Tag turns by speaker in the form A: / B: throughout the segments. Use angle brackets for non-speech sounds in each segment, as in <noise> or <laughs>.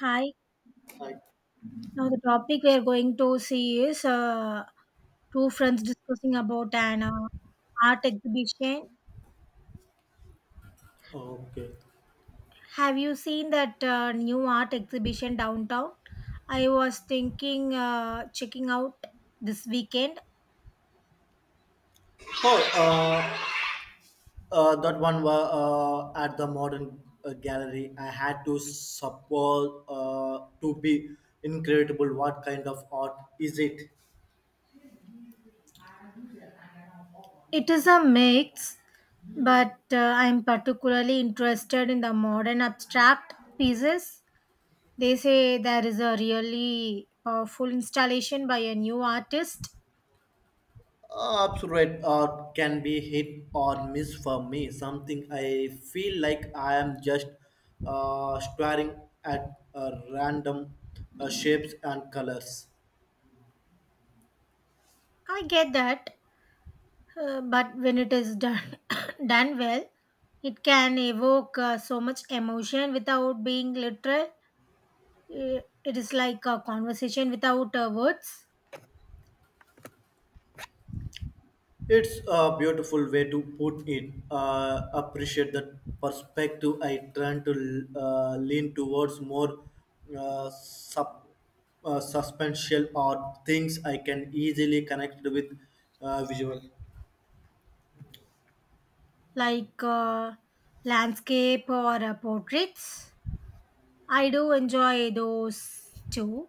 A: Hi.
B: Right.
A: Now the topic we are going to see is two friends discussing about an art exhibition.
B: Oh, okay.
A: Have you seen that new art exhibition downtown? I was thinking checking out this weekend.
B: Oh, uh, that one was at the modern gallery. I had to support to be incredible. What kind of art is it?
A: It is a mix, but I'm particularly interested in the modern abstract pieces. They say there is a really powerful installation by a new artist.
B: Abstract art can be hit or miss for me. Something I feel like I am just staring at random shapes and colors.
A: I get that, but when it is done <coughs> done well, it can evoke so much emotion without being literal. Uh, It is like a conversation without words,
B: It's a beautiful way to put it. Appreciate the perspective. I try to lean towards more uh, sub, substantial or things I can easily connect with visual.
A: like landscape or portraits. I do enjoy those too.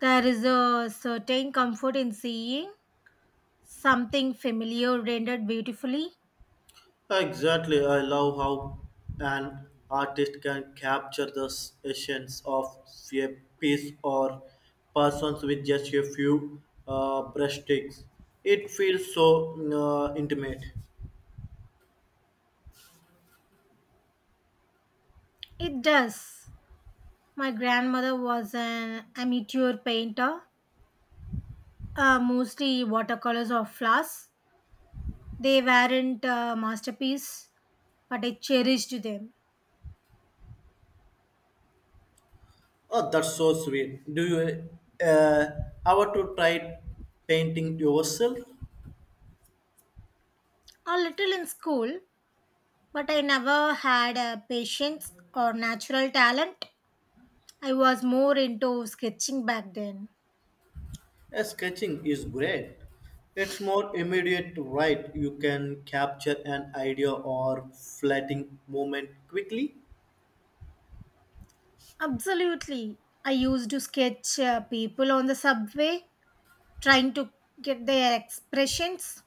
A: There is a certain comfort in seeing something familiar rendered beautifully.
B: Exactly, I love how an artist can capture the essence of a piece or persons with just a few brushstrokes. It feels so intimate.
A: It does. My grandmother was an amateur painter, mostly watercolors or flowers. They weren't a masterpiece, but I cherished them.
B: Oh, that's so sweet. Do you uh, ever to try painting yourself?
A: A little in school, but I never had a patience or natural talent. I was more into sketching back then.
B: Sketching is great. It's more immediate, right? You can capture an idea or flatting moment quickly.
A: Absolutely. I used to sketch people on the subway, trying to get their expressions.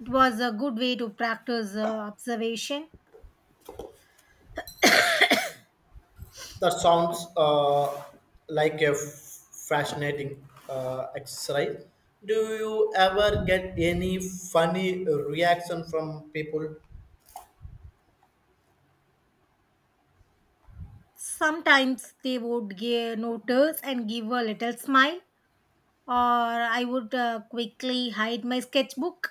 A: It was a good way to practice observation.
B: That sounds like a fascinating exercise. Do you ever get any funny reaction from people?
A: Sometimes they would give notice and give a little smile. Or I would quickly hide my sketchbook.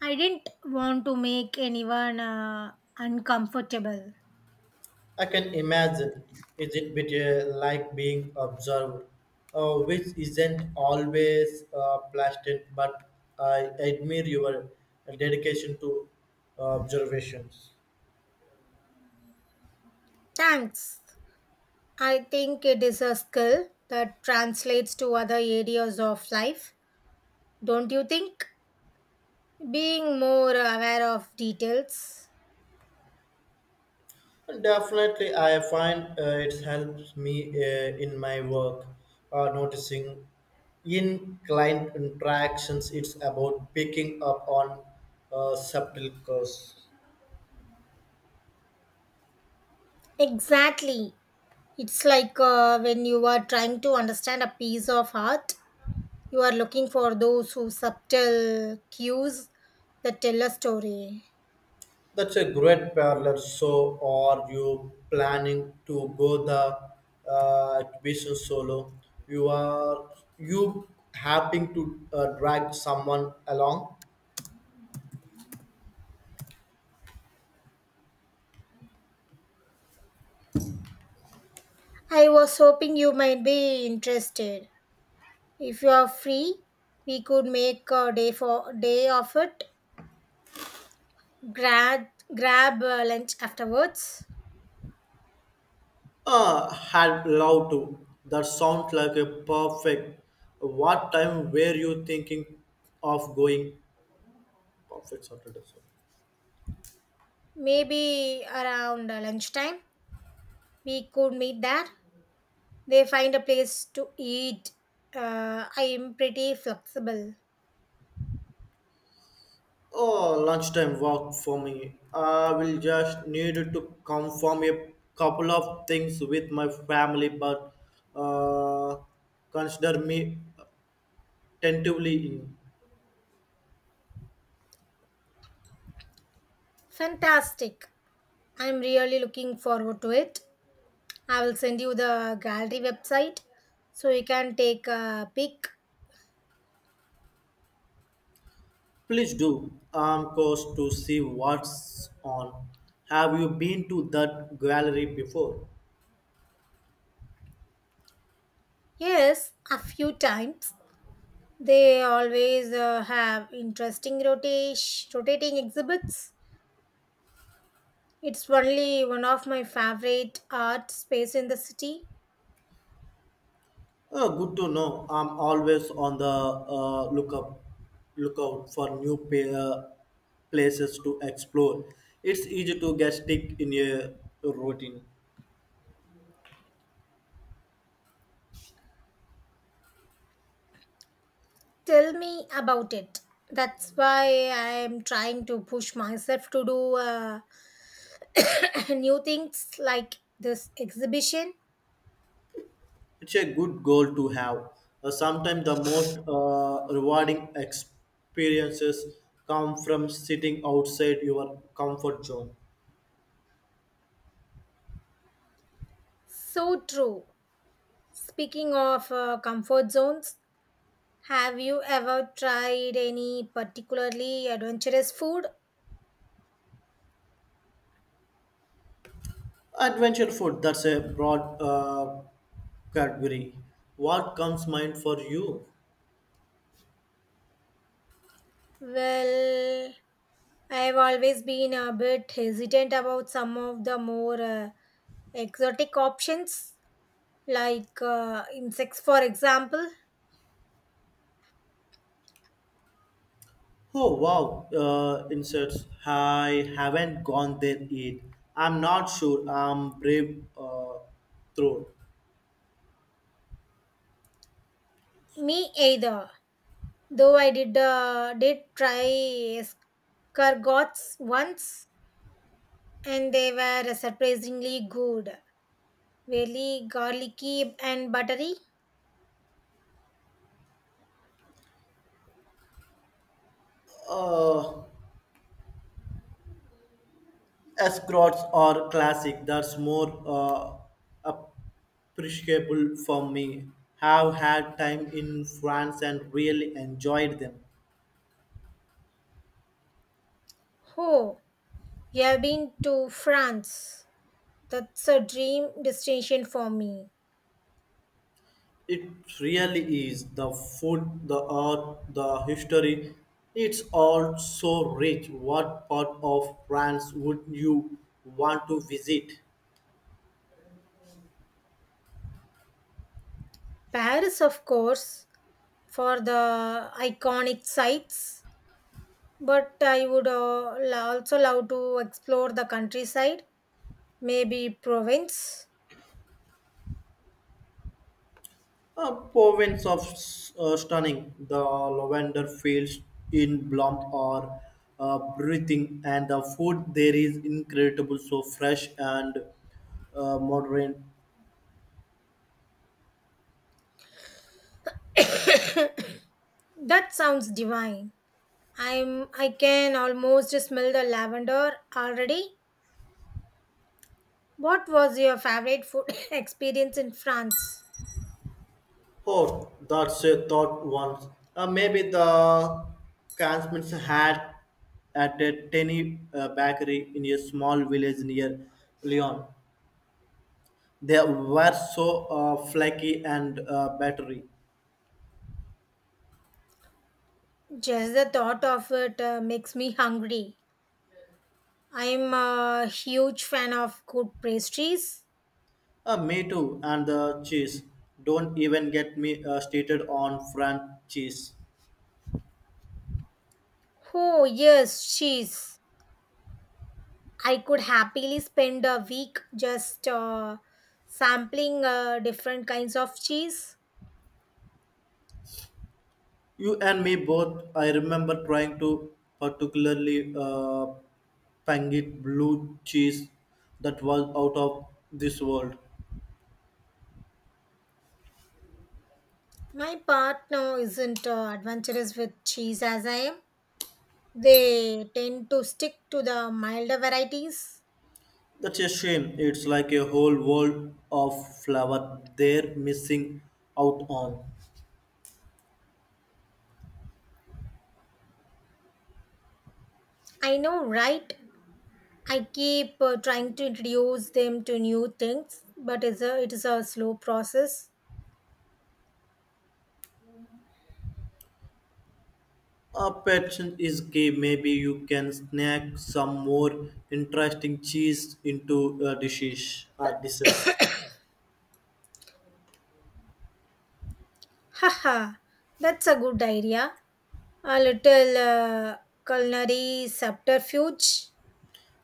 A: I didn't want to make anyone uncomfortable.
B: I can imagine. Is it bit like being observed, which isn't always pleasant, but I admire your dedication to observations.
A: Thanks. I think it is a skill that translates to other areas of life, don't you think? Being more aware of details.
B: Definitely, I find it helps me in my work, noticing in client interactions. It's about picking up on subtle cues.
A: Exactly. It's like when you are trying to understand a piece of art, you are looking for those who subtle cues that tell a story.
B: That's a great parallel. So, are you planning to go the exhibition solo? You are you hoping to drag someone along?
A: I was hoping you might be interested. If you are free, we could make a day for day of it. Grab grab lunch afterwards.
B: Had love to. That sounds like a perfect. What time were you thinking of going? Perfect Saturday. So.
A: Maybe around lunchtime we could meet there. They find a place to eat. I am pretty flexible.
B: Oh, lunchtime work for me. I will just need to confirm a couple of things with my family, but uh, consider me attentively in.
A: Fantastic. I'm really looking forward to it. I will send you the gallery website so you can take a peek.
B: Please do. I'm curious to see what's on. Have you been to that gallery before?
A: Yes, a few times. They always have interesting rotating exhibits. It's only one of my favorite art space in the city.
B: Oh, good to know. I'm always on the lookup lookout for new places to explore. It's easy to get stuck in a routine.
A: Tell me about it. That's why I am trying to push myself to do <coughs> new things like this exhibition.
B: It's a good goal to have. Sometimes the most rewarding experiences come from sitting outside your comfort zone.
A: So true. Speaking of comfort zones, have you ever tried any particularly adventurous food?
B: Adventure food, that's a broad category. What comes mind for you?
A: Well, I've always been a bit hesitant about some of the more exotic options, like insects, for example.
B: Oh wow, inserts. I haven't gone there yet. I'm not sure I'm brave through.
A: Me either. Though I did try escargots once, and they were surprisingly good. Really garlicky and buttery.
B: Uh, Escorts are classic. That's more appreciable for me. Have had time in France and really enjoyed them.
A: Oh, you have been to France. That's a dream destination for me.
B: It really is the food, the art, the history. It's all so rich. What part of France would you want to visit?
A: Paris, of course, for the iconic sites, but I would also love to explore the countryside, maybe Provence.
B: A province of stunning, the lavender fields in bloom are breathing, and the food there is incredible, so fresh and modern.
A: That sounds divine. I can almost smell the lavender already. What was your favorite food <laughs> <coughs> experience in France?
B: Oh, that's a thought once. Maybe the Kansmans had at a tiny bakery in a small village near Lyon. They were so flaky and battery.
A: Just the thought of it makes me hungry. I'm a huge fan of good pastries.
B: Me too, and the cheese. Don't even get me stated on French cheese.
A: Oh, yes, cheese. I could happily spend a week just sampling different kinds of cheese.
B: You and me both. I remember trying to particularly pangit blue cheese that was out of this world.
A: My partner isn't adventurous with cheese as I am. They tend to stick to the milder varieties.
B: That's a shame. It's like a whole world of flower they're missing out on.
A: I know, right? I keep trying to introduce them to new things, but it is a slow process.
B: A passion is key. Maybe you can snack some more interesting cheese into a dishes.
A: Haha, that's a good idea. A little culinary subterfuge.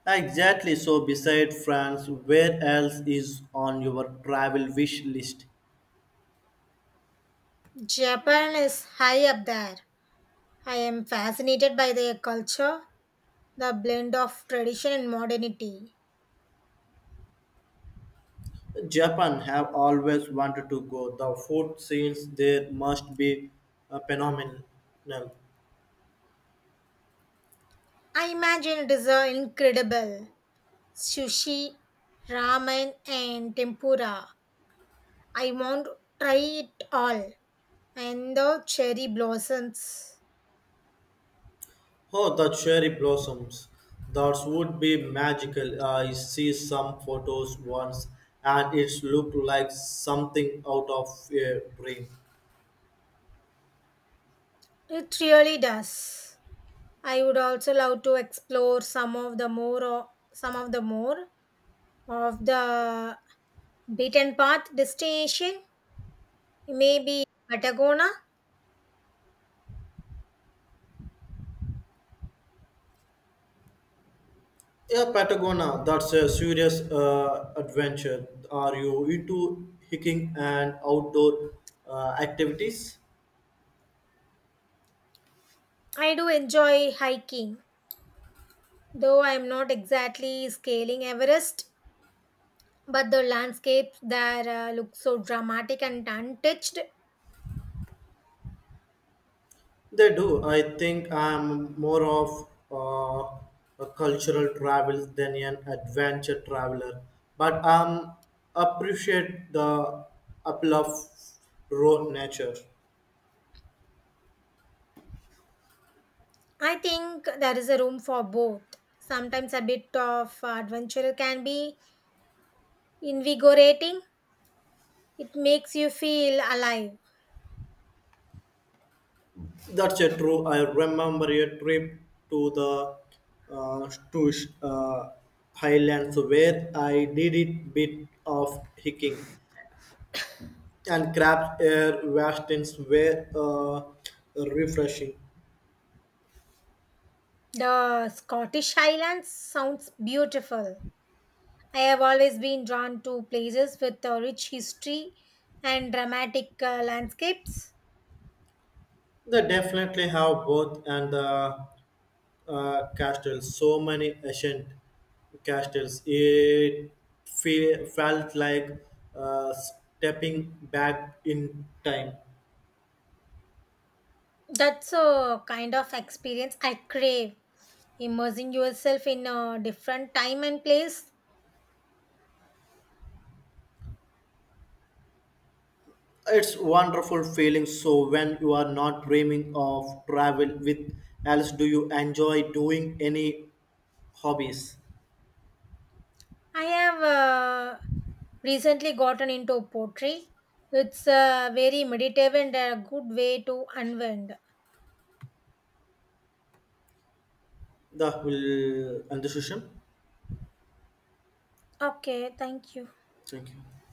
B: Exactly. So, beside France, where else is on your travel wish list?
A: Japan is high up there. I am fascinated by their culture, the blend of tradition and modernity.
B: Japan have always wanted to go. The food scenes there must be phenomenal.
A: I imagine it is incredible. Sushi, ramen, and tempura. I want to try it all. And the cherry blossoms.
B: Oh, the cherry blossoms. That would be magical. I see some photos once and it looked like something out of a dream.
A: It really does. I would also love to explore some of the more some of the more of the beaten path destination. Maybe Patagona.
B: Yeah, Patagonia, that's a serious adventure. Are you into hiking and outdoor activities?
A: I do enjoy hiking, though I am not exactly scaling Everest, but the landscapes there look so dramatic and untouched.
B: They do. I think I'm more of a cultural travel than an adventure traveler, but I'm appreciate the appeal of raw nature.
A: I think there is a room for both. Sometimes a bit of adventure can be invigorating, it makes you feel alive.
B: That's a true. I remember a trip to the to uh, highlands where I did a bit of hiking and crabs air vastness were refreshing.
A: The Scottish Highlands sounds beautiful. I have always been drawn to places with a rich history and dramatic landscapes.
B: They definitely have both, and the castles, so many ancient castles. It felt like stepping back in time.
A: That's a kind of experience I crave. Immersing yourself in a different time and place.
B: It's wonderful feeling. So when you are not dreaming of travel with else, do you enjoy doing any hobbies?
A: I have recently gotten into poetry. It's a very meditative and a good way to unwind.
B: The will end the session.
A: Okay, thank you.
B: Thank you.